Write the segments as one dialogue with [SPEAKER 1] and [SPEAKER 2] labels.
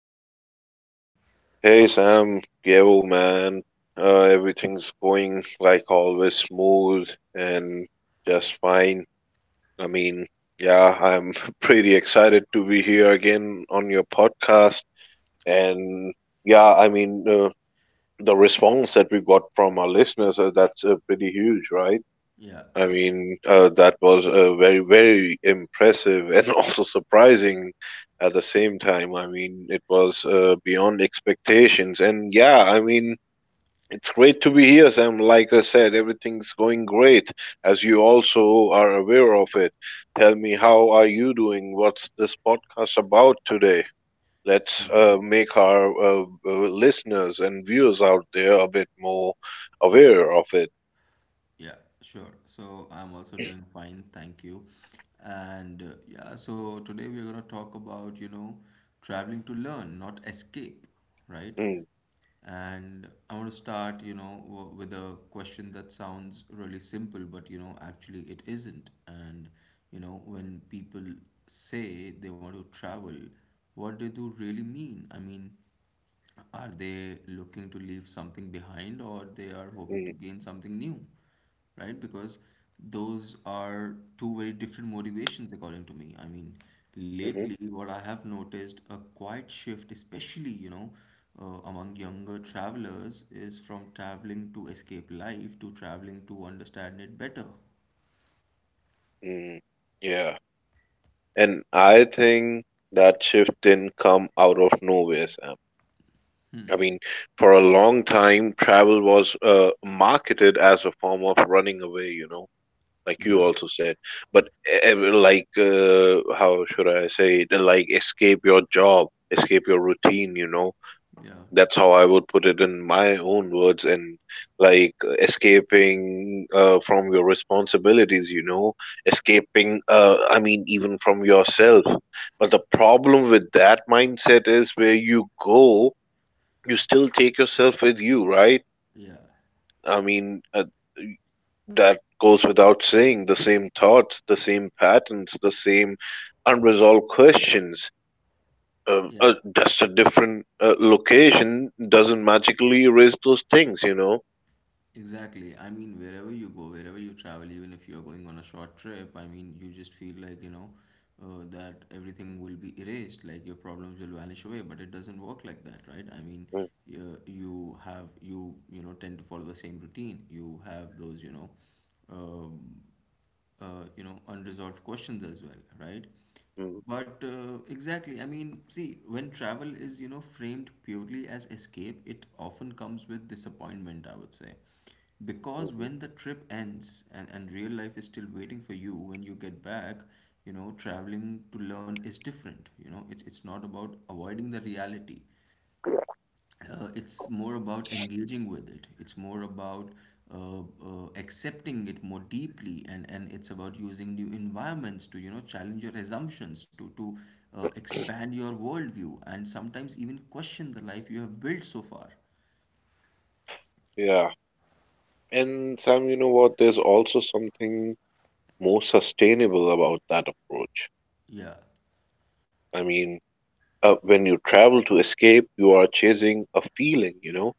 [SPEAKER 1] How is it going, man?
[SPEAKER 2] Hey Sam, yo man, everything's going like always smooth and just fine. I mean, yeah, I'm pretty excited to be here again on your podcast. And yeah, I mean, the response that we got from our listeners, that's pretty huge, right?
[SPEAKER 1] Yeah,
[SPEAKER 2] I
[SPEAKER 1] yeah.
[SPEAKER 2] mean, that was very, very impressive and also surprising at the same time. I mean, it was beyond expectations. And yeah, I mean, it's great to be here, Sam. Like I said, everything's going great, as you also are aware of it. Tell me, how are you doing? What's this podcast about today? Let's
[SPEAKER 1] So,
[SPEAKER 2] make our listeners and viewers out there a bit more aware of it.
[SPEAKER 1] Yeah, sure. So I'm also doing fine, thank you. And yeah, so today we're going to talk about, traveling to learn, not escape, right?
[SPEAKER 2] Mm.
[SPEAKER 1] And I want to start, you know, w with a question that sounds really simple, but you know, actually it isn't. And you know, when people say they want to travel, what do they really mean? I mean, are they looking to leave something behind, or they are hoping to
[SPEAKER 2] Mm.
[SPEAKER 1] gain something new? Right? Because those are two very different motivations according to me. I mean,
[SPEAKER 2] Mhm.
[SPEAKER 1] lately what I have noticed a quiet shift, especially, among younger travelers, is from traveling to escape life to traveling to understand it better.
[SPEAKER 2] Mm. Yeah. And I think that shift didn't come out of nowhere, Sam. I
[SPEAKER 1] Hmm.
[SPEAKER 2] mean, for a long time, travel was marketed as a form of running away, you know, like you
[SPEAKER 1] Yeah.
[SPEAKER 2] also said. But like, how should I say it? Like, escape your job, escape your routine, you know.
[SPEAKER 1] Yeah.
[SPEAKER 2] That's how I would put it in my own words. And like, escaping from your responsibilities, you know, escaping, I mean, even from yourself. But the problem with that mindset is where you go you still take yourself with you, right?
[SPEAKER 1] Yeah.
[SPEAKER 2] I mean, y- that goes without saying. The same thoughts, the same patterns, the same unresolved questions.
[SPEAKER 1] Yeah.
[SPEAKER 2] Just a different location doesn't magically erase those things, you know?
[SPEAKER 1] Exactly. I mean, wherever you go, wherever you travel, even if you're going on a short trip, I mean, you just feel like, you know, that everything will be erased, like your problems will vanish away, but it doesn't work like that, right? I mean,
[SPEAKER 2] Mm.
[SPEAKER 1] you have, you know, tend to follow the same routine. You have those, um, you know, unresolved questions as well, right?
[SPEAKER 2] Mm.
[SPEAKER 1] But exactly, I mean, see, when travel is, you know, framed purely as escape, it often comes with disappointment, I would say, because
[SPEAKER 2] Mhm.
[SPEAKER 1] when the trip ends, and real life is still waiting for you when you get back. You know, traveling to learn is different. You know, it's not about avoiding the reality. It's more about engaging with it. It's more about accepting it more deeply, and it's about using new environments to, you know, challenge your assumptions, to expand your worldview, and sometimes even question the life you have built so far.
[SPEAKER 2] Yeah. And Sam, you know what? There's also something more sustainable about that approach.
[SPEAKER 1] Yeah,
[SPEAKER 2] I mean, when you travel to escape, you are chasing a feeling, you know.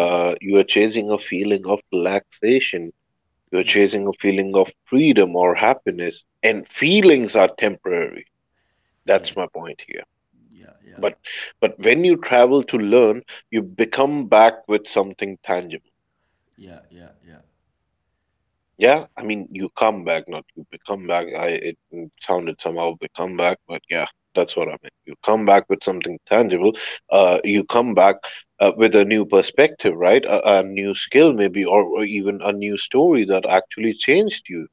[SPEAKER 1] yeah,
[SPEAKER 2] You are chasing a feeling of relaxation. You are
[SPEAKER 1] yeah,
[SPEAKER 2] chasing a feeling of freedom or happiness. And feelings are temporary. That's
[SPEAKER 1] yes,
[SPEAKER 2] my point here.
[SPEAKER 1] yeah, yeah,
[SPEAKER 2] But when you travel to learn, you become back with something tangible.
[SPEAKER 1] yeah, yeah, yeah.
[SPEAKER 2] Yeah, I mean, you come back, not you become back. I it mm, sounded somehow become back, but yeah, that's what I meant. You come back with something tangible. You come back with a new perspective, right? A new skill, maybe, or even a new story that actually changed you.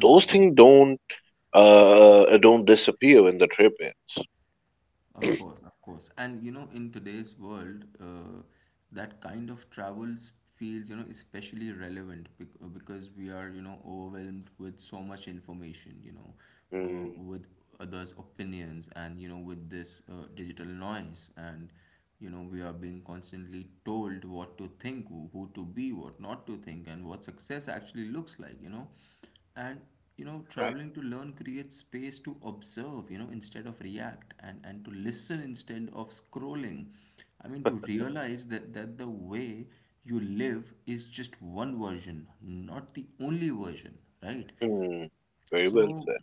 [SPEAKER 2] Those things don't disappear when the trip ends.
[SPEAKER 1] Of course, of course. And you know, in today's world, that kind of travels feels, you know, especially relevant because we are, you know, overwhelmed with so much information, you know,
[SPEAKER 2] Mm.
[SPEAKER 1] with others' opinions and, you know, with this digital noise. And, you know, we are being constantly told what to think, who to be, what not to think, and what success actually looks like, you know. And you know,
[SPEAKER 2] Right.
[SPEAKER 1] traveling to learn creates space to observe, you know, instead of react, and to listen instead of scrolling. I mean, to realize that the way you live is just one version, not the only version, right?
[SPEAKER 2] Mm. Very well said.
[SPEAKER 1] So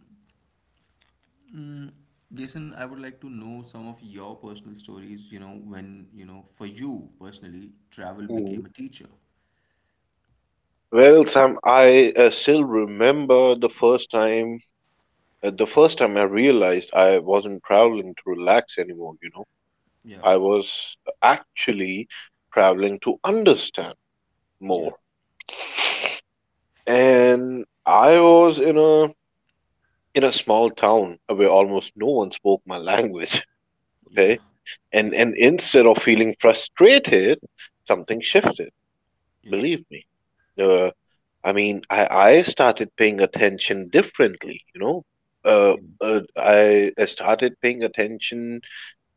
[SPEAKER 1] Jason, I would like to know some of your personal stories, you know, when, you know, for you personally travel
[SPEAKER 2] Mm.
[SPEAKER 1] became a teacher.
[SPEAKER 2] Well, Sam, I still remember the first time I realized I wasn't traveling to relax anymore, you know.
[SPEAKER 1] Yeah,
[SPEAKER 2] I was actually traveling to understand
[SPEAKER 1] yeah,
[SPEAKER 2] more. And I was in a small town where almost no one spoke my language,
[SPEAKER 1] yeah,
[SPEAKER 2] okay? And
[SPEAKER 1] yeah,
[SPEAKER 2] and instead of feeling frustrated, something shifted,
[SPEAKER 1] yeah,
[SPEAKER 2] believe me. Uh, I mean, I started paying attention differently, you know. Uh,
[SPEAKER 1] yeah,
[SPEAKER 2] I started paying attention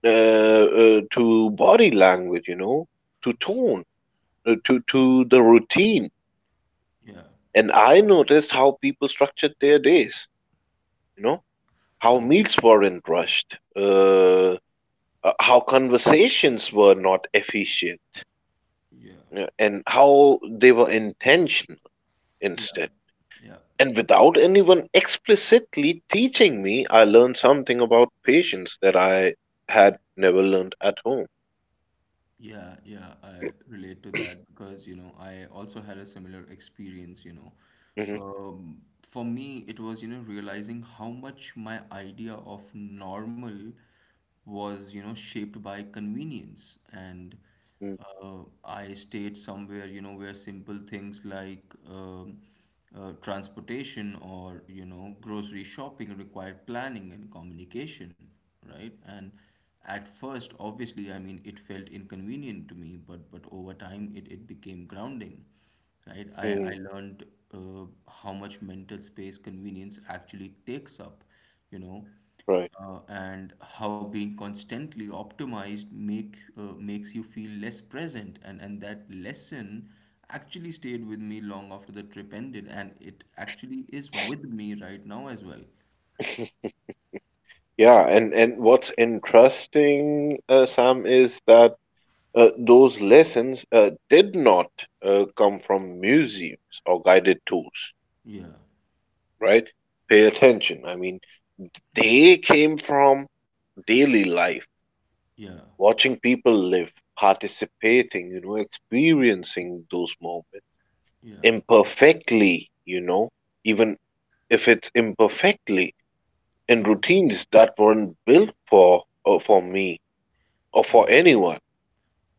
[SPEAKER 2] to body language, you know, to tone, to the routine,
[SPEAKER 1] yeah,
[SPEAKER 2] and I noticed how people structured their days, you know, how
[SPEAKER 1] yeah,
[SPEAKER 2] meals weren't rushed, how conversations were not efficient,
[SPEAKER 1] yeah,
[SPEAKER 2] and how they were intentional
[SPEAKER 1] yeah,
[SPEAKER 2] instead.
[SPEAKER 1] yeah.
[SPEAKER 2] And without anyone explicitly teaching me, I learned something about patience that I had never learned at home.
[SPEAKER 1] Yeah, yeah, I relate to that because, you know, I also had a similar experience, you know.
[SPEAKER 2] Hmm.
[SPEAKER 1] For me, it was, you know, realizing how much my idea of normal was, you know, shaped by convenience. And I stayed somewhere, you know, where simple things like transportation or, you know, grocery shopping required planning and communication, right? And at first, obviously, I mean, it felt inconvenient to me, but over time, it became grounding, right? I
[SPEAKER 2] Hmm.
[SPEAKER 1] learned how much mental space convenience actually takes up, you know,
[SPEAKER 2] Right.
[SPEAKER 1] and how being constantly optimized makes you feel less present, and that lesson actually stayed with me long after the trip ended, and it actually is with me right now as well.
[SPEAKER 2] Yeah, and what's interesting, Sam, is that those lessons did not come from museums or guided tours,
[SPEAKER 1] Yeah,
[SPEAKER 2] right? Pay attention. I mean, they came from daily life,
[SPEAKER 1] yeah,
[SPEAKER 2] watching people live, participating, you know, experiencing those moments
[SPEAKER 1] yeah,
[SPEAKER 2] imperfectly, you know, even if it's imperfectly in
[SPEAKER 1] yeah,
[SPEAKER 2] routines that weren't built for me or
[SPEAKER 1] yeah,
[SPEAKER 2] for anyone.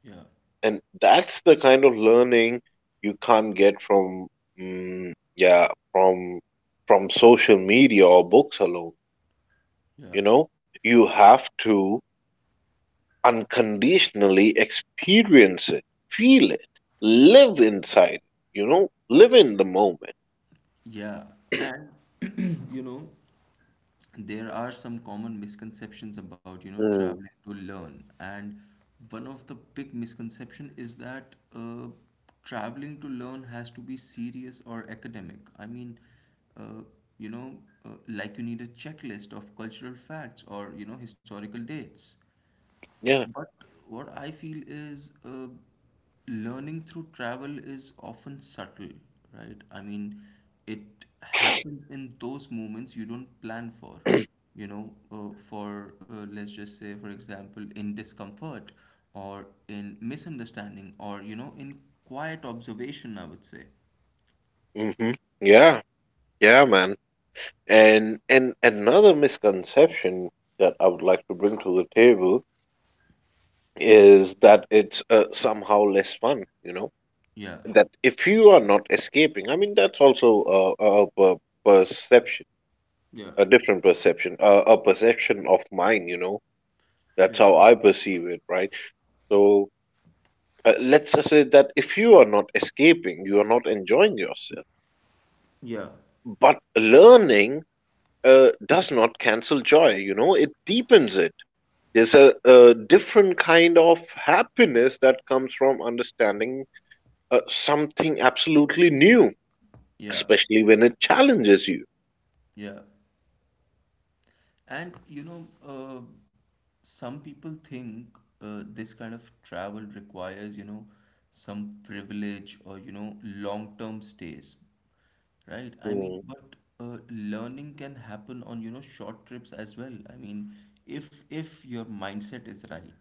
[SPEAKER 1] yeah,
[SPEAKER 2] And that's the kind of learning you can't get from mm, yeah, from social media or books alone,
[SPEAKER 1] yeah.
[SPEAKER 2] you know? You have to unconditionally experience it, feel it, live inside it, you know? Live in the moment.
[SPEAKER 1] Yeah, and you know, there are some common misconceptions about, you know,
[SPEAKER 2] Mm.
[SPEAKER 1] traveling to learn. And one of the big misconception is that traveling to learn has to be serious or academic. I mean, uh, you know, like, you need a checklist of cultural facts or, you know, historical dates.
[SPEAKER 2] Yeah.
[SPEAKER 1] But what I feel is, learning through travel is often subtle, right? I mean, it happens in those moments you don't plan for. You know, for let's just say, for example, in discomfort or in misunderstanding or, you know, in quiet observation, I would say.
[SPEAKER 2] Hmm. Yeah, yeah, man. And another misconception that I would like to bring to the table is that it's somehow less fun, you know?
[SPEAKER 1] Yeah,
[SPEAKER 2] That if you are not escaping, I mean, that's also a perception,
[SPEAKER 1] Yeah.
[SPEAKER 2] a different perception, a perception of mine, you know. That's
[SPEAKER 1] yeah,
[SPEAKER 2] how I perceive it, right? So let's just say that if you are not escaping, you are not enjoying yourself.
[SPEAKER 1] Yeah.
[SPEAKER 2] But learning does not cancel joy, you know, it deepens it. There's a different kind of happiness that comes from understanding something absolutely new,
[SPEAKER 1] yeah,
[SPEAKER 2] especially when it challenges you.
[SPEAKER 1] yeah. And you know, some people think this kind of travel requires, you know, some privilege or, you know, long-term stays, right? I mean,
[SPEAKER 2] Hmm.
[SPEAKER 1] but learning can happen on, you know, short trips as well. I mean, if your mindset is right.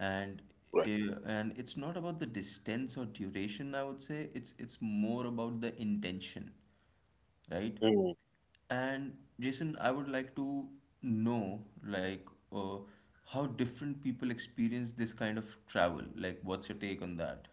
[SPEAKER 1] And
[SPEAKER 2] Right.
[SPEAKER 1] and it's not about the distance or duration, I would say. It's more about the intention, right?
[SPEAKER 2] Mm.
[SPEAKER 1] And Jason, I would like to know, like, uh, how different people experience this kind of travel. Like, what's your take on that?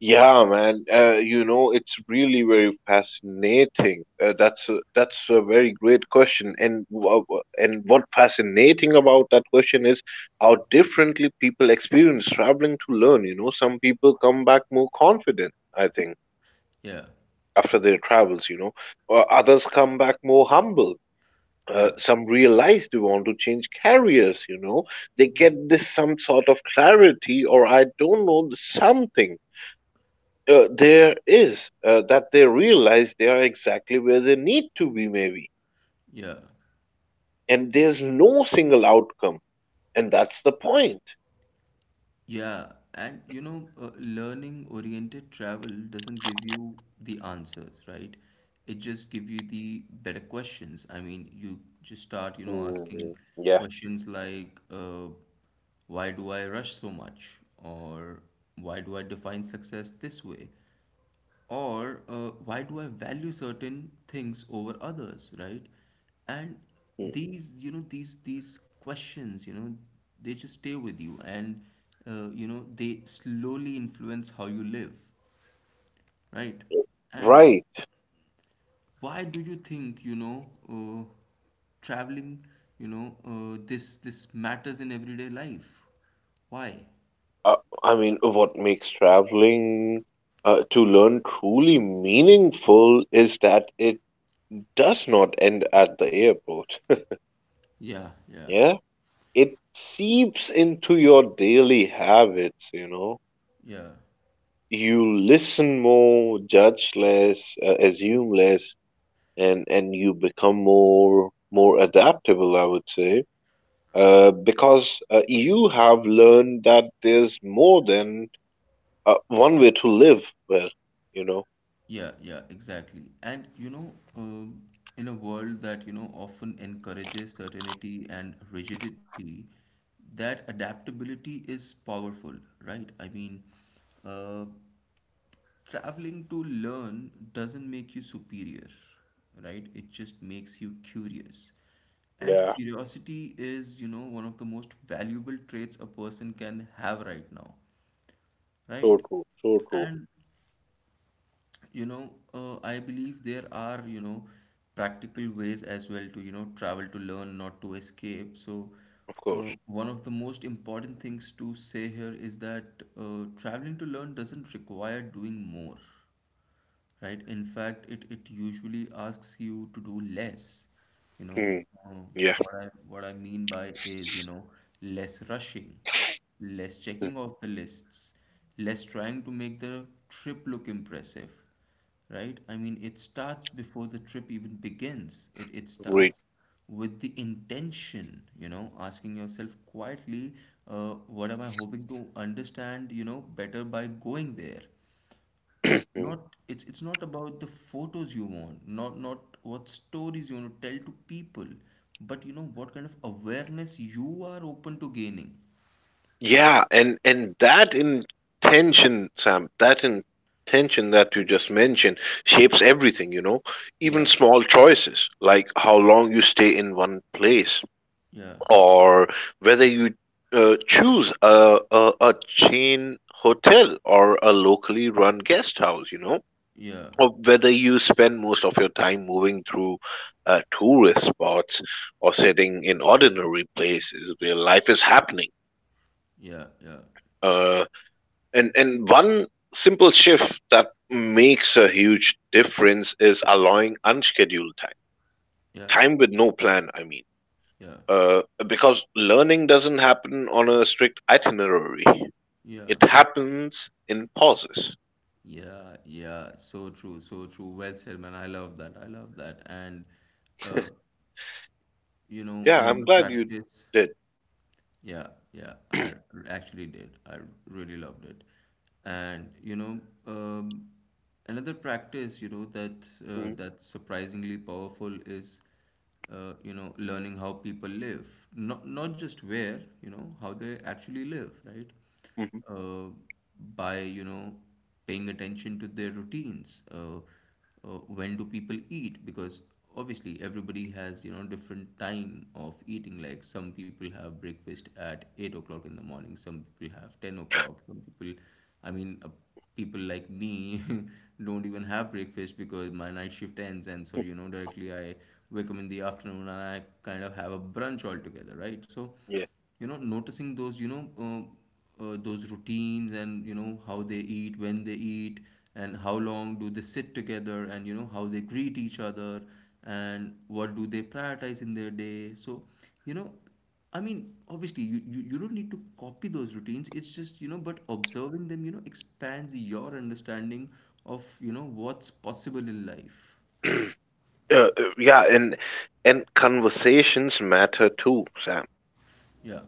[SPEAKER 2] Yeah, man. You know, it's really very fascinating. That's a very great question. And what fascinating about that question is how differently people experience traveling to learn. You know, some people come back more confident, I think,
[SPEAKER 1] Yeah,
[SPEAKER 2] after their travels. You know, others come back more humble.
[SPEAKER 1] yeah,
[SPEAKER 2] Some realize they want to change careers. You know, they
[SPEAKER 1] yeah,
[SPEAKER 2] get this some sort of clarity, or I don't know something. There is that they realize they are exactly where they need to be, maybe,
[SPEAKER 1] yeah.
[SPEAKER 2] and there's no single outcome, and that's the point.
[SPEAKER 1] Yeah, and you know, learning oriented travel doesn't give you the answers, right? It just gives you the better questions. I mean, you just start, you know, asking
[SPEAKER 2] Hmm. Yeah.
[SPEAKER 1] questions like, why do I rush so much? Or why do I define success this way? Or why do I value certain things over others, right? And
[SPEAKER 2] Mm.
[SPEAKER 1] these you know, these questions, you know, they just stay with you, and you know, they slowly influence how you live, right? And
[SPEAKER 2] Right.
[SPEAKER 1] why do you think, you know, traveling, you know, this matters in everyday life? Why?
[SPEAKER 2] Uh, I mean, what makes traveling to learn truly meaningful is that it does not end at the airport.
[SPEAKER 1] Yeah, yeah,
[SPEAKER 2] Yeah, it seeps into your daily habits, you know.
[SPEAKER 1] yeah.
[SPEAKER 2] You listen more, judge less, assume less, and you become more adaptable, I would say, because you have learned that there's more than one way to live well. You know.
[SPEAKER 1] Yeah, yeah, exactly. And you know, in a world that, you know, often encourages certainty and rigidity, that adaptability is powerful, right? I mean, uh, traveling to learn doesn't make you superior, right? It just makes you curious. And
[SPEAKER 2] Yeah.
[SPEAKER 1] curiosity is, you know, one of the most valuable traits a person can have right now, right?
[SPEAKER 2] So true. So true.
[SPEAKER 1] And you know, I believe there are, you know, practical ways as well to, you know, travel to learn, not to escape. So
[SPEAKER 2] Of course.
[SPEAKER 1] one of the most important things to say here is that traveling to learn doesn't require doing more, right? In fact, it usually asks you to do less. You know,
[SPEAKER 2] Hmm.
[SPEAKER 1] uh,
[SPEAKER 2] Yeah.
[SPEAKER 1] what I mean by is, you know, less rushing, less
[SPEAKER 2] Hmm.
[SPEAKER 1] checking off the lists, less trying to make the trip look impressive, right? I mean, it starts before the trip even begins. It
[SPEAKER 2] Great.
[SPEAKER 1] starts with the intention, you know, asking yourself quietly, what am I hoping to understand, you know, better by going there? Not It's not about the photos you want, not, not what stories you want to tell to people, but you know, what kind of awareness you are open to gaining.
[SPEAKER 2] Yeah, and that intention, Sam, that intention that you just mentioned shapes everything. You know, even
[SPEAKER 1] Yeah,
[SPEAKER 2] small choices like how long you stay in one place
[SPEAKER 1] yeah,
[SPEAKER 2] or whether you choose a chain hotel or a locally run guest house, you know,
[SPEAKER 1] yeah,
[SPEAKER 2] or whether you spend most of your time moving through tourist spots or sitting in ordinary places where life is happening.
[SPEAKER 1] yeah, yeah,
[SPEAKER 2] Uh, and one simple shift that makes a huge difference is allowing unscheduled time,
[SPEAKER 1] yeah,
[SPEAKER 2] time with no plan, I mean.
[SPEAKER 1] yeah,
[SPEAKER 2] Because learning doesn't happen on a strict itinerary.
[SPEAKER 1] yeah,
[SPEAKER 2] It happens in pauses.
[SPEAKER 1] yeah, yeah. So true, so true. Well said, man. I love that. I love that. And uh, you know,
[SPEAKER 2] Yeah, I'm
[SPEAKER 1] another
[SPEAKER 2] glad you
[SPEAKER 1] practice.
[SPEAKER 2] did.
[SPEAKER 1] Yeah, yeah, actually did. I really loved it. And you know, um, another practice, you know, that
[SPEAKER 2] Mhm.
[SPEAKER 1] that's surprisingly powerful is, you know, learning how people live. Not just where, you know, how they actually live, right?
[SPEAKER 2] Mhm.
[SPEAKER 1] uh, by you know, paying attention to their routines, when do people eat, because obviously, everybody has, you know, different time of eating. Like, some people have breakfast at 8 o'clock in the morning, some people have 10 o'clock, some people, I mean, people like me don't even have breakfast, because my night shift ends, and so,
[SPEAKER 2] Mhm.
[SPEAKER 1] you know, directly I wake up in the afternoon, and I kind of have a brunch altogether, right? So,
[SPEAKER 2] Yeah.
[SPEAKER 1] you know, noticing those, you know, those routines, and you know, how they eat, when they eat, and how long do they sit together, and you know, how they greet each other, and what do they prioritize in their day. So, you know, I mean, obviously, you don't need to copy those routines. It's just, you know, but observing them, you know, expands your understanding of, you know, what's possible in life.
[SPEAKER 2] Yeah, and conversations matter too, Sam.
[SPEAKER 1] Yeah,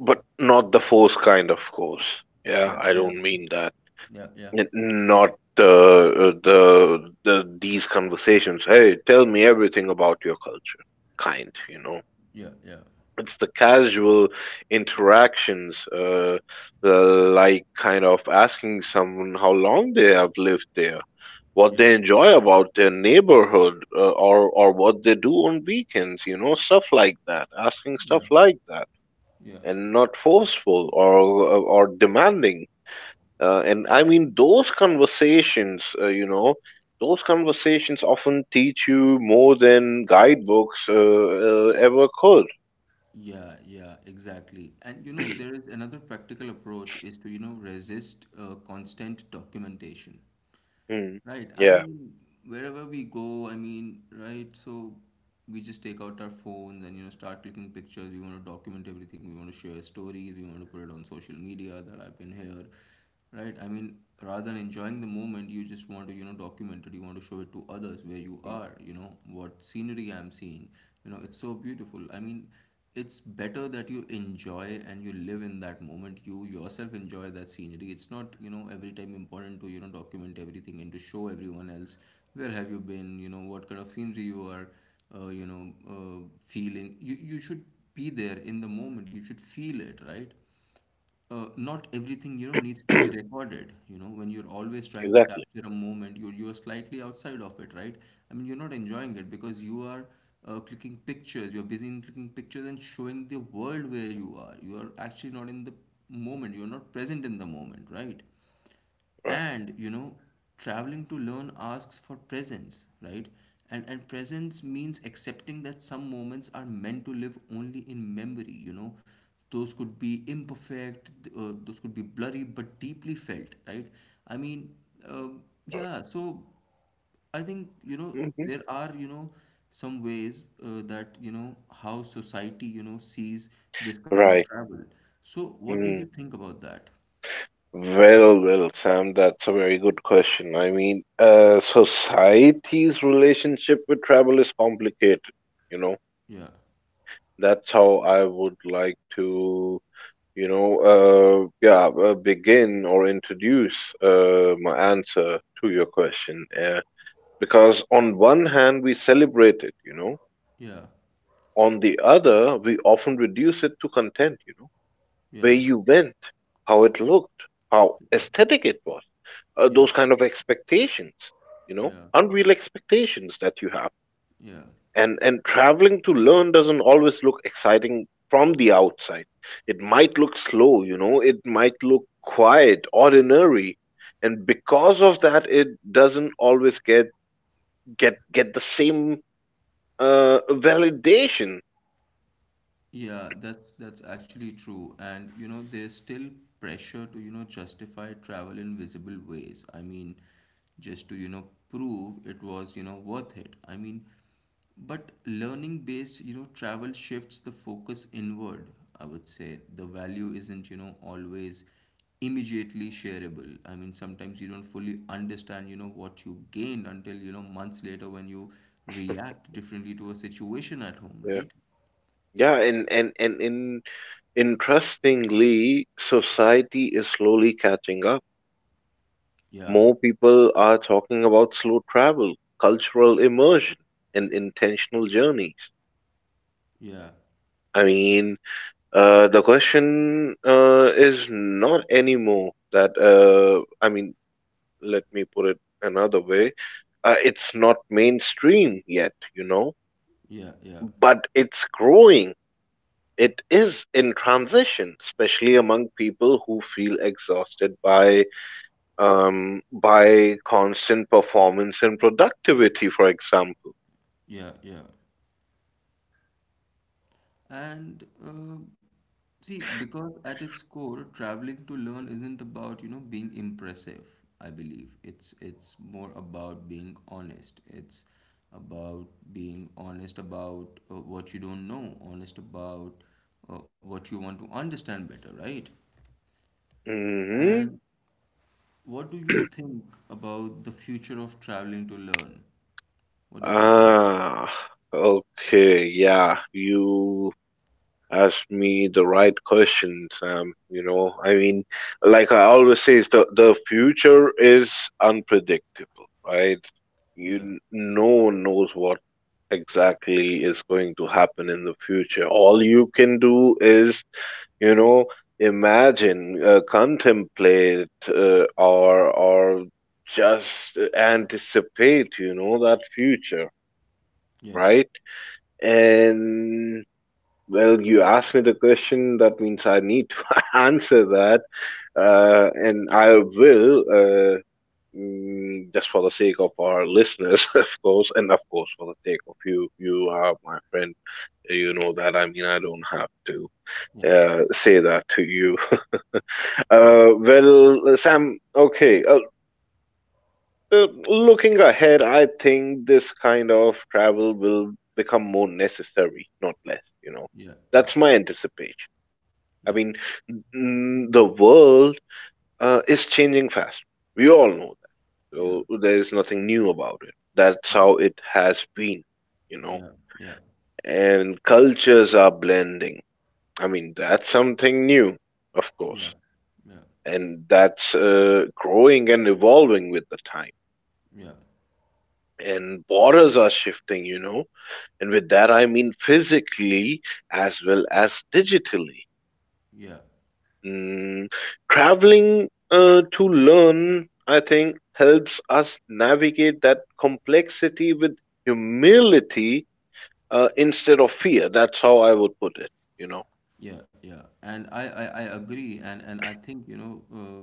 [SPEAKER 2] But not the forced kind, of course. Yeah,
[SPEAKER 1] yeah,
[SPEAKER 2] I
[SPEAKER 1] yeah,
[SPEAKER 2] don't mean that.
[SPEAKER 1] yeah, yeah,
[SPEAKER 2] N- Not these conversations. Hey, tell me everything about your culture. Kind, you know.
[SPEAKER 1] yeah, yeah,
[SPEAKER 2] It's the casual interactions like kind of asking someone how long they have lived there, what
[SPEAKER 1] yeah,
[SPEAKER 2] they enjoy about their neighborhood, or what they do on weekends, you know, stuff like that, asking stuff
[SPEAKER 1] yeah,
[SPEAKER 2] like that,
[SPEAKER 1] yeah.
[SPEAKER 2] and not forceful or demanding, and I mean, those conversations, you know, those conversations often teach you more than guidebooks ever could.
[SPEAKER 1] Yeah, yeah, exactly. And you know, there is another practical approach is to, you know, resist constant documentation,
[SPEAKER 2] Hmm.
[SPEAKER 1] right? I
[SPEAKER 2] Yeah.
[SPEAKER 1] mean, wherever we go, I mean, right? So we just take out our phones and, you know, start clicking pictures. We want to document everything. We want to share stories. We want to put it on social media that I've been here, right? I mean, rather than enjoying the moment, you just want to, you know, document it. You want to show it to others where you are, you know, what scenery I'm seeing. You know, it's so beautiful. I mean, it's better that you enjoy and you live in that moment, you yourself enjoy that scenery. It's not, you know, every time important to, you know, document everything and to show everyone else where have you been, you know, what kind of scenery you are you know feeling. You should be there in the moment, you should feel it, right? Not everything, you know, needs to be recorded. You know, when you're always trying to
[SPEAKER 2] Exactly.
[SPEAKER 1] capture a moment, you're slightly outside of it, right? I mean, you're not enjoying it because you are clicking pictures. You're busy in clicking pictures and showing the world where you are. You are actually not in the moment, you're not present in the moment, right?
[SPEAKER 2] Right.
[SPEAKER 1] And you know, traveling to learn asks for presence, right? And presence means accepting that some moments are meant to live only in memory, you know. Those could be imperfect, those could be blurry but deeply felt, right? I mean, um yeah, so I think, you know,
[SPEAKER 2] Hmm.
[SPEAKER 1] there are, you know, some ways that, you know, how society, you know, sees this kind of
[SPEAKER 2] Right.
[SPEAKER 1] travel. So what do you
[SPEAKER 2] Mm.
[SPEAKER 1] think about that?
[SPEAKER 2] Well, Sam, that's a very good question. I mean, society's relationship with travel is complicated, you know.
[SPEAKER 1] Yeah,
[SPEAKER 2] That's how I would like to, you know, yeah, begin or introduce my answer to your question. Because on one hand, we celebrate it, you know.
[SPEAKER 1] yeah,
[SPEAKER 2] On the other, we often reduce it to content, you know, where
[SPEAKER 1] yeah.
[SPEAKER 2] you went, how it looked, how
[SPEAKER 1] Mm.
[SPEAKER 2] aesthetic it was,
[SPEAKER 1] Yeah,
[SPEAKER 2] those kind of expectations, you know,
[SPEAKER 1] yeah,
[SPEAKER 2] unreal expectations that you have.
[SPEAKER 1] yeah.
[SPEAKER 2] And traveling to learn doesn't always look exciting from the outside. It might look slow, you know, it might look quiet, ordinary, and because of that, it doesn't always get the same validation.
[SPEAKER 1] Yeah, that's actually true. And you know, there's still pressure to, you know, justify travel in visible ways. I mean, just to, you know, prove it was, you know, worth it. I mean, but learning based, you know, travel shifts the focus inward, I would say. The value isn't, you know, always immediately shareable. I mean, sometimes you don't fully understand, you know, what you gained until, you know, months later when you react differently to a situation at home,
[SPEAKER 2] Yeah.
[SPEAKER 1] right?
[SPEAKER 2] Yeah, and in interestingly, society is slowly catching up.
[SPEAKER 1] Yeah.
[SPEAKER 2] More people are talking about slow travel, cultural immersion, and intentional journeys.
[SPEAKER 1] Yeah,
[SPEAKER 2] I mean, the question is not anymore that. I mean, let me put it another way. It's not mainstream yet, you know,
[SPEAKER 1] yeah, yeah,
[SPEAKER 2] but it's growing. It is in transition, especially among people who feel exhausted by constant performance and productivity, for example.
[SPEAKER 1] yeah, yeah. And see, because at its core, traveling to learn isn't about, you know, being impressive, I believe. It's more about being honest. It's about being honest about what you don't know, honest about what you want to understand better, right? And
[SPEAKER 2] Hmm.
[SPEAKER 1] what do you think about the future of traveling to learn? What do you think about that?
[SPEAKER 2] Ah, okay, yeah, you ask me the right questions. You know, I mean, like I always say, is the future is unpredictable, right?
[SPEAKER 1] Yeah,
[SPEAKER 2] No one knows what exactly is going to happen in the future. All you can do is, you know, imagine, contemplate, or just anticipate, you know, that future,
[SPEAKER 1] yeah,
[SPEAKER 2] right? And well, you asked me the question. That means I need to answer that, and I will. Just for the sake of our listeners, of course, and of course for the sake of you, you are my friend. You know that. I mean, I don't have to
[SPEAKER 1] yeah,
[SPEAKER 2] say that to you.
[SPEAKER 1] yeah.
[SPEAKER 2] Well, Sam. Okay. Looking ahead, I think this kind of travel will become more necessary, not less. You know,
[SPEAKER 1] Yeah, yeah,
[SPEAKER 2] that's my anticipation.
[SPEAKER 1] yeah,
[SPEAKER 2] I mean, the world is changing fast. We all know that.
[SPEAKER 1] yeah,
[SPEAKER 2] So there is nothing new about it. That's how it has been, you know.
[SPEAKER 1] yeah, yeah,
[SPEAKER 2] And cultures are blending. I mean, that's something new, of
[SPEAKER 1] yeah,
[SPEAKER 2] course.
[SPEAKER 1] yeah, yeah,
[SPEAKER 2] And that's growing and evolving with the time.
[SPEAKER 1] yeah,
[SPEAKER 2] And borders are shifting, you know. And with that, I mean physically as well as digitally.
[SPEAKER 1] yeah,
[SPEAKER 2] Mm, Traveling to learn, I think, helps us navigate that complexity with humility instead of fear. That's how I would put it, you know.
[SPEAKER 1] yeah, yeah. And I agree, and I think, you know,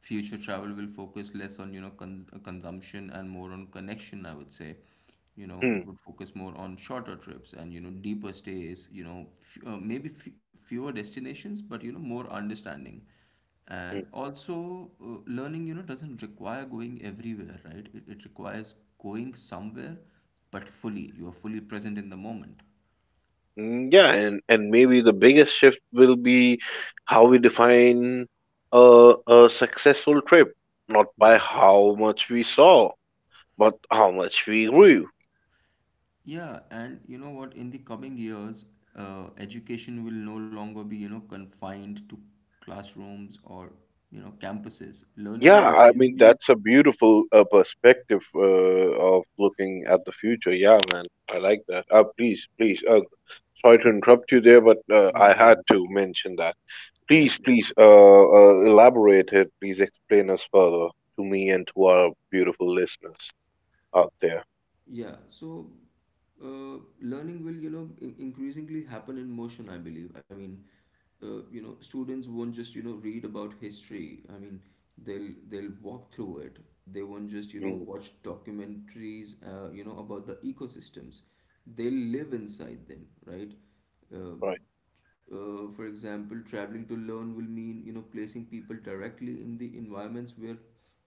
[SPEAKER 1] future travel will focus less on, you know, consumption and more on connection, I would say. You know, it
[SPEAKER 2] Hmm.
[SPEAKER 1] would focus more on shorter trips and, you know, deeper stays, you know, maybe fewer destinations but, you know, more understanding.
[SPEAKER 2] Hmm.
[SPEAKER 1] And also learning, you know, doesn't require going everywhere, right? It requires going somewhere, but fully. You are fully present in the moment.
[SPEAKER 2] Hmm. Yeah, and maybe the biggest shift will be how we define a successful trip, not by
[SPEAKER 1] Yeah.
[SPEAKER 2] how much we saw, but how much we grew.
[SPEAKER 1] Yeah, and you know what? In the coming years, education will no longer be, you know, confined to classrooms or, you know, campuses. Learning will
[SPEAKER 2] Yeah, I mean
[SPEAKER 1] increasingly.
[SPEAKER 2] that's a beautiful perspective of looking at the future. Yeah, man, I like that. Please, please. Sorry to interrupt you there, but
[SPEAKER 1] No
[SPEAKER 2] I had
[SPEAKER 1] worries.
[SPEAKER 2] to mention that.
[SPEAKER 1] Yeah.
[SPEAKER 2] Please, please, elaborate it. Please explain us further to me and to our beautiful listeners out there.
[SPEAKER 1] Yeah, so learning will, you know, increasingly happen in motion, I believe. I mean, you know, students won't just, you know, read about history. I mean, they'll walk through it. They won't just, you know,
[SPEAKER 2] Mm.
[SPEAKER 1] watch documentaries, you know, about the ecosystems. They'll live inside them, right? Um
[SPEAKER 2] Right.
[SPEAKER 1] for example, traveling to learn will mean, you know, placing people directly in the environments where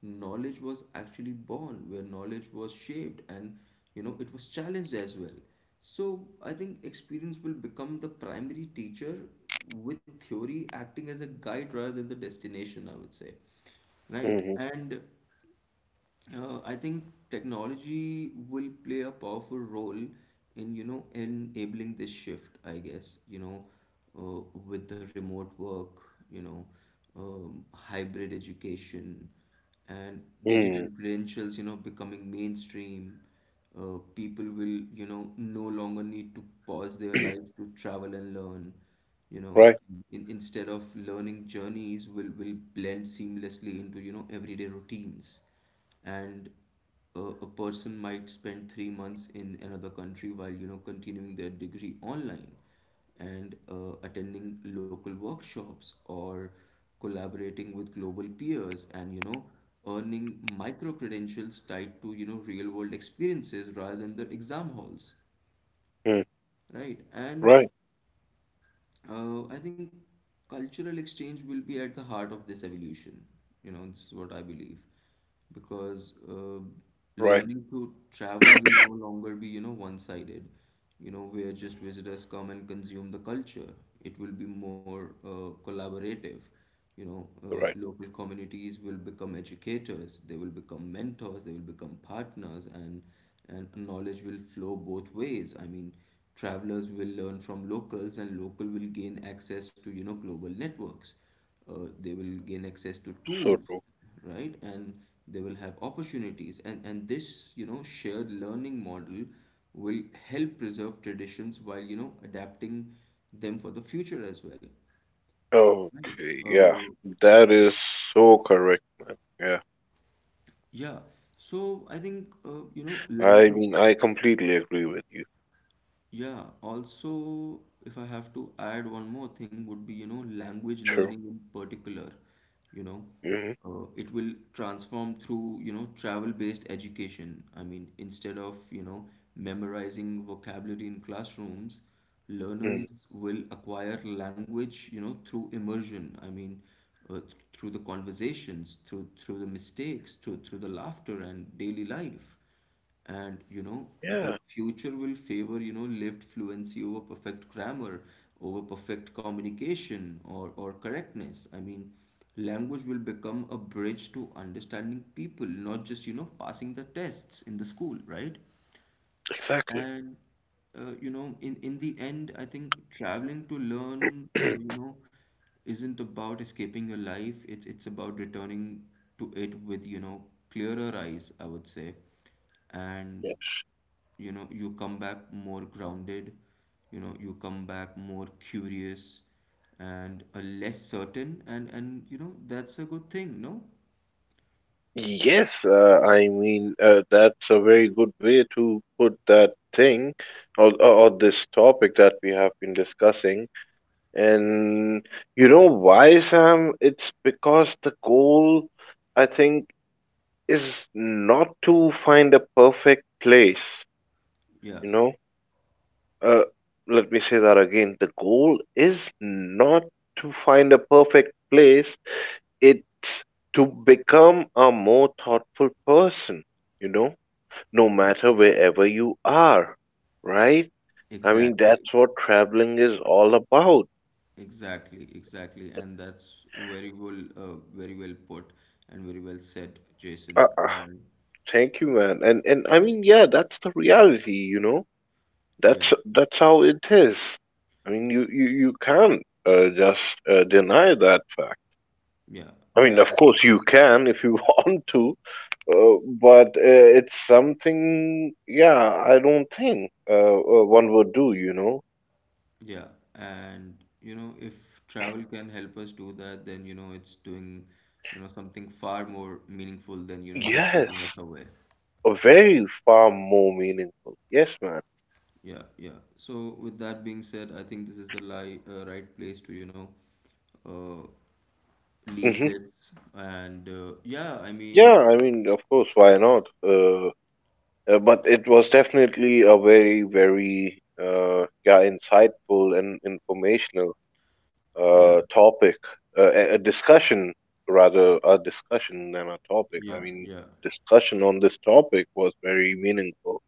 [SPEAKER 1] knowledge was actually born, where knowledge was shaped, and, you know, it was challenged as well. So I think experience will become the primary teacher, with theory acting as a guide rather than the destination, I would say. Right.
[SPEAKER 2] Hmm.
[SPEAKER 1] And I think technology will play a powerful role in, you know, enabling this shift. I guess, you know, uh, with the remote work, you know, hybrid education, and digital
[SPEAKER 2] Mm.
[SPEAKER 1] credentials, you know, becoming mainstream. People will, you know, no longer need to pause their lives to travel and learn. You know,
[SPEAKER 2] Right.
[SPEAKER 1] instead of, learning journeys will blend seamlessly into, you know, everyday routines. And a person might spend 3 months in another country while, you know, continuing their degree online and attending local workshops, or collaborating with global peers, and, you know, earning micro credentials tied to, you know, real world experiences rather than the exam halls,
[SPEAKER 2] Mm.
[SPEAKER 1] right? And
[SPEAKER 2] Right.
[SPEAKER 1] I think cultural exchange will be at the heart of this evolution. You know, this is what I believe. Because
[SPEAKER 2] Right.
[SPEAKER 1] learning to travel will no longer be, you know, one-sided, you know, where just visitors come and consume the culture. It will be more collaborative. You know,
[SPEAKER 2] Right.
[SPEAKER 1] local communities will become educators, they will become mentors, they will become partners, and knowledge will flow both ways. I mean, travelers will learn from locals, and local will gain access to, you know, global networks. They will gain access to
[SPEAKER 2] So
[SPEAKER 1] tools,
[SPEAKER 2] true.
[SPEAKER 1] right? And they will have opportunities. And this, you know, shared learning model will help preserve traditions while, you know, adapting them for the future as well. Right.
[SPEAKER 2] Okay. Yeah, that is so correct, man. Yeah.
[SPEAKER 1] Yeah, so I think you know
[SPEAKER 2] I
[SPEAKER 1] language.
[SPEAKER 2] mean, I completely agree with you.
[SPEAKER 1] Yeah, also, if I have to add one more thing would be, you know, language
[SPEAKER 2] True.
[SPEAKER 1] learning in particular. You know,
[SPEAKER 2] Hmm.
[SPEAKER 1] it will transform through, you know, travel-based education. I mean, instead of, you know, memorizing vocabulary in classrooms, learners will acquire language, you know, through immersion. I mean, through the conversations, through the mistakes, through the laughter and daily life. And you know,
[SPEAKER 2] Yeah,
[SPEAKER 1] the future will favor, you know, lived fluency over perfect grammar, over perfect communication, or correctness. I mean, language will become a bridge to understanding people, not just, you know, passing the tests in the school, right?
[SPEAKER 2] exactly.
[SPEAKER 1] And you know, in the end, I think traveling to learn, you know, isn't about escaping your life. It's about returning to it with, you know, clearer eyes, I would say. And
[SPEAKER 2] Yeah.
[SPEAKER 1] you know, you come back more grounded, you know, you come back more curious, and less certain, and you know, that's a good thing, no?
[SPEAKER 2] Yes, I mean, that's a very good way to put that thing or this topic that we have been discussing. And you know why, Sam? It's because the goal, I think, is not to find a perfect place,
[SPEAKER 1] Yeah,
[SPEAKER 2] you know? Uh, Let me say that again. The goal is not to find a perfect place, it's to become a more thoughtful person, you know, no matter wherever you are, right? I mean,
[SPEAKER 1] exactly,
[SPEAKER 2] that's what traveling is all about.
[SPEAKER 1] exactly, exactly, and that's very well very well put and very well said, Jason.
[SPEAKER 2] Uh, uh,
[SPEAKER 1] And
[SPEAKER 2] Thank you, man. And I mean, yeah, that's the reality, you know.
[SPEAKER 1] yeah,
[SPEAKER 2] That's how it is. I mean, you can't just deny that fact.
[SPEAKER 1] yeah,
[SPEAKER 2] I mean,
[SPEAKER 1] and
[SPEAKER 2] of course, you can if you want to, but it's something, yeah, I don't think one would do, you know?
[SPEAKER 1] yeah, and you know, if travel can help us do that, then, you know, it's doing, you know, something far more meaningful than, you know, just
[SPEAKER 2] Yes,
[SPEAKER 1] taking us away.
[SPEAKER 2] a very far more meaningful. Yes, man.
[SPEAKER 1] Yeah, yeah. So with that being said, I think this is the li right place to, you know, uh, leave
[SPEAKER 2] Hmm.
[SPEAKER 1] this. And yeah, I
[SPEAKER 2] Yeah,
[SPEAKER 1] mean,
[SPEAKER 2] I mean, of course, why not? But it was definitely a very, very, yeah, insightful and informational
[SPEAKER 1] yeah,
[SPEAKER 2] topic, a discussion rather, a discussion than a topic. I
[SPEAKER 1] yeah,
[SPEAKER 2] mean,
[SPEAKER 1] yeah,
[SPEAKER 2] discussion on this topic was very meaningful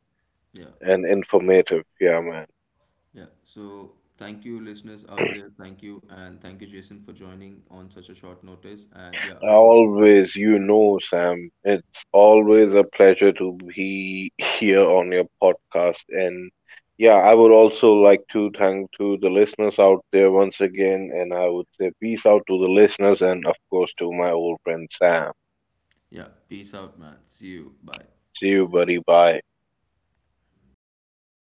[SPEAKER 1] yeah,
[SPEAKER 2] and informative. Yeah, man.
[SPEAKER 1] yeah. So thank you, listeners out there. Thank you, and thank you, Jason, for joining on such a short notice. And yeah, I hope to see you
[SPEAKER 2] Always, you
[SPEAKER 1] soon again.
[SPEAKER 2] know, Sam, it's always a pleasure to be here on your podcast. And yeah, I would also like to thank to the listeners out there once again. And I would say peace out to the listeners and of course to my old friend Sam.
[SPEAKER 1] Yeah, peace out, man. See you. Bye.
[SPEAKER 2] See you, buddy. Bye.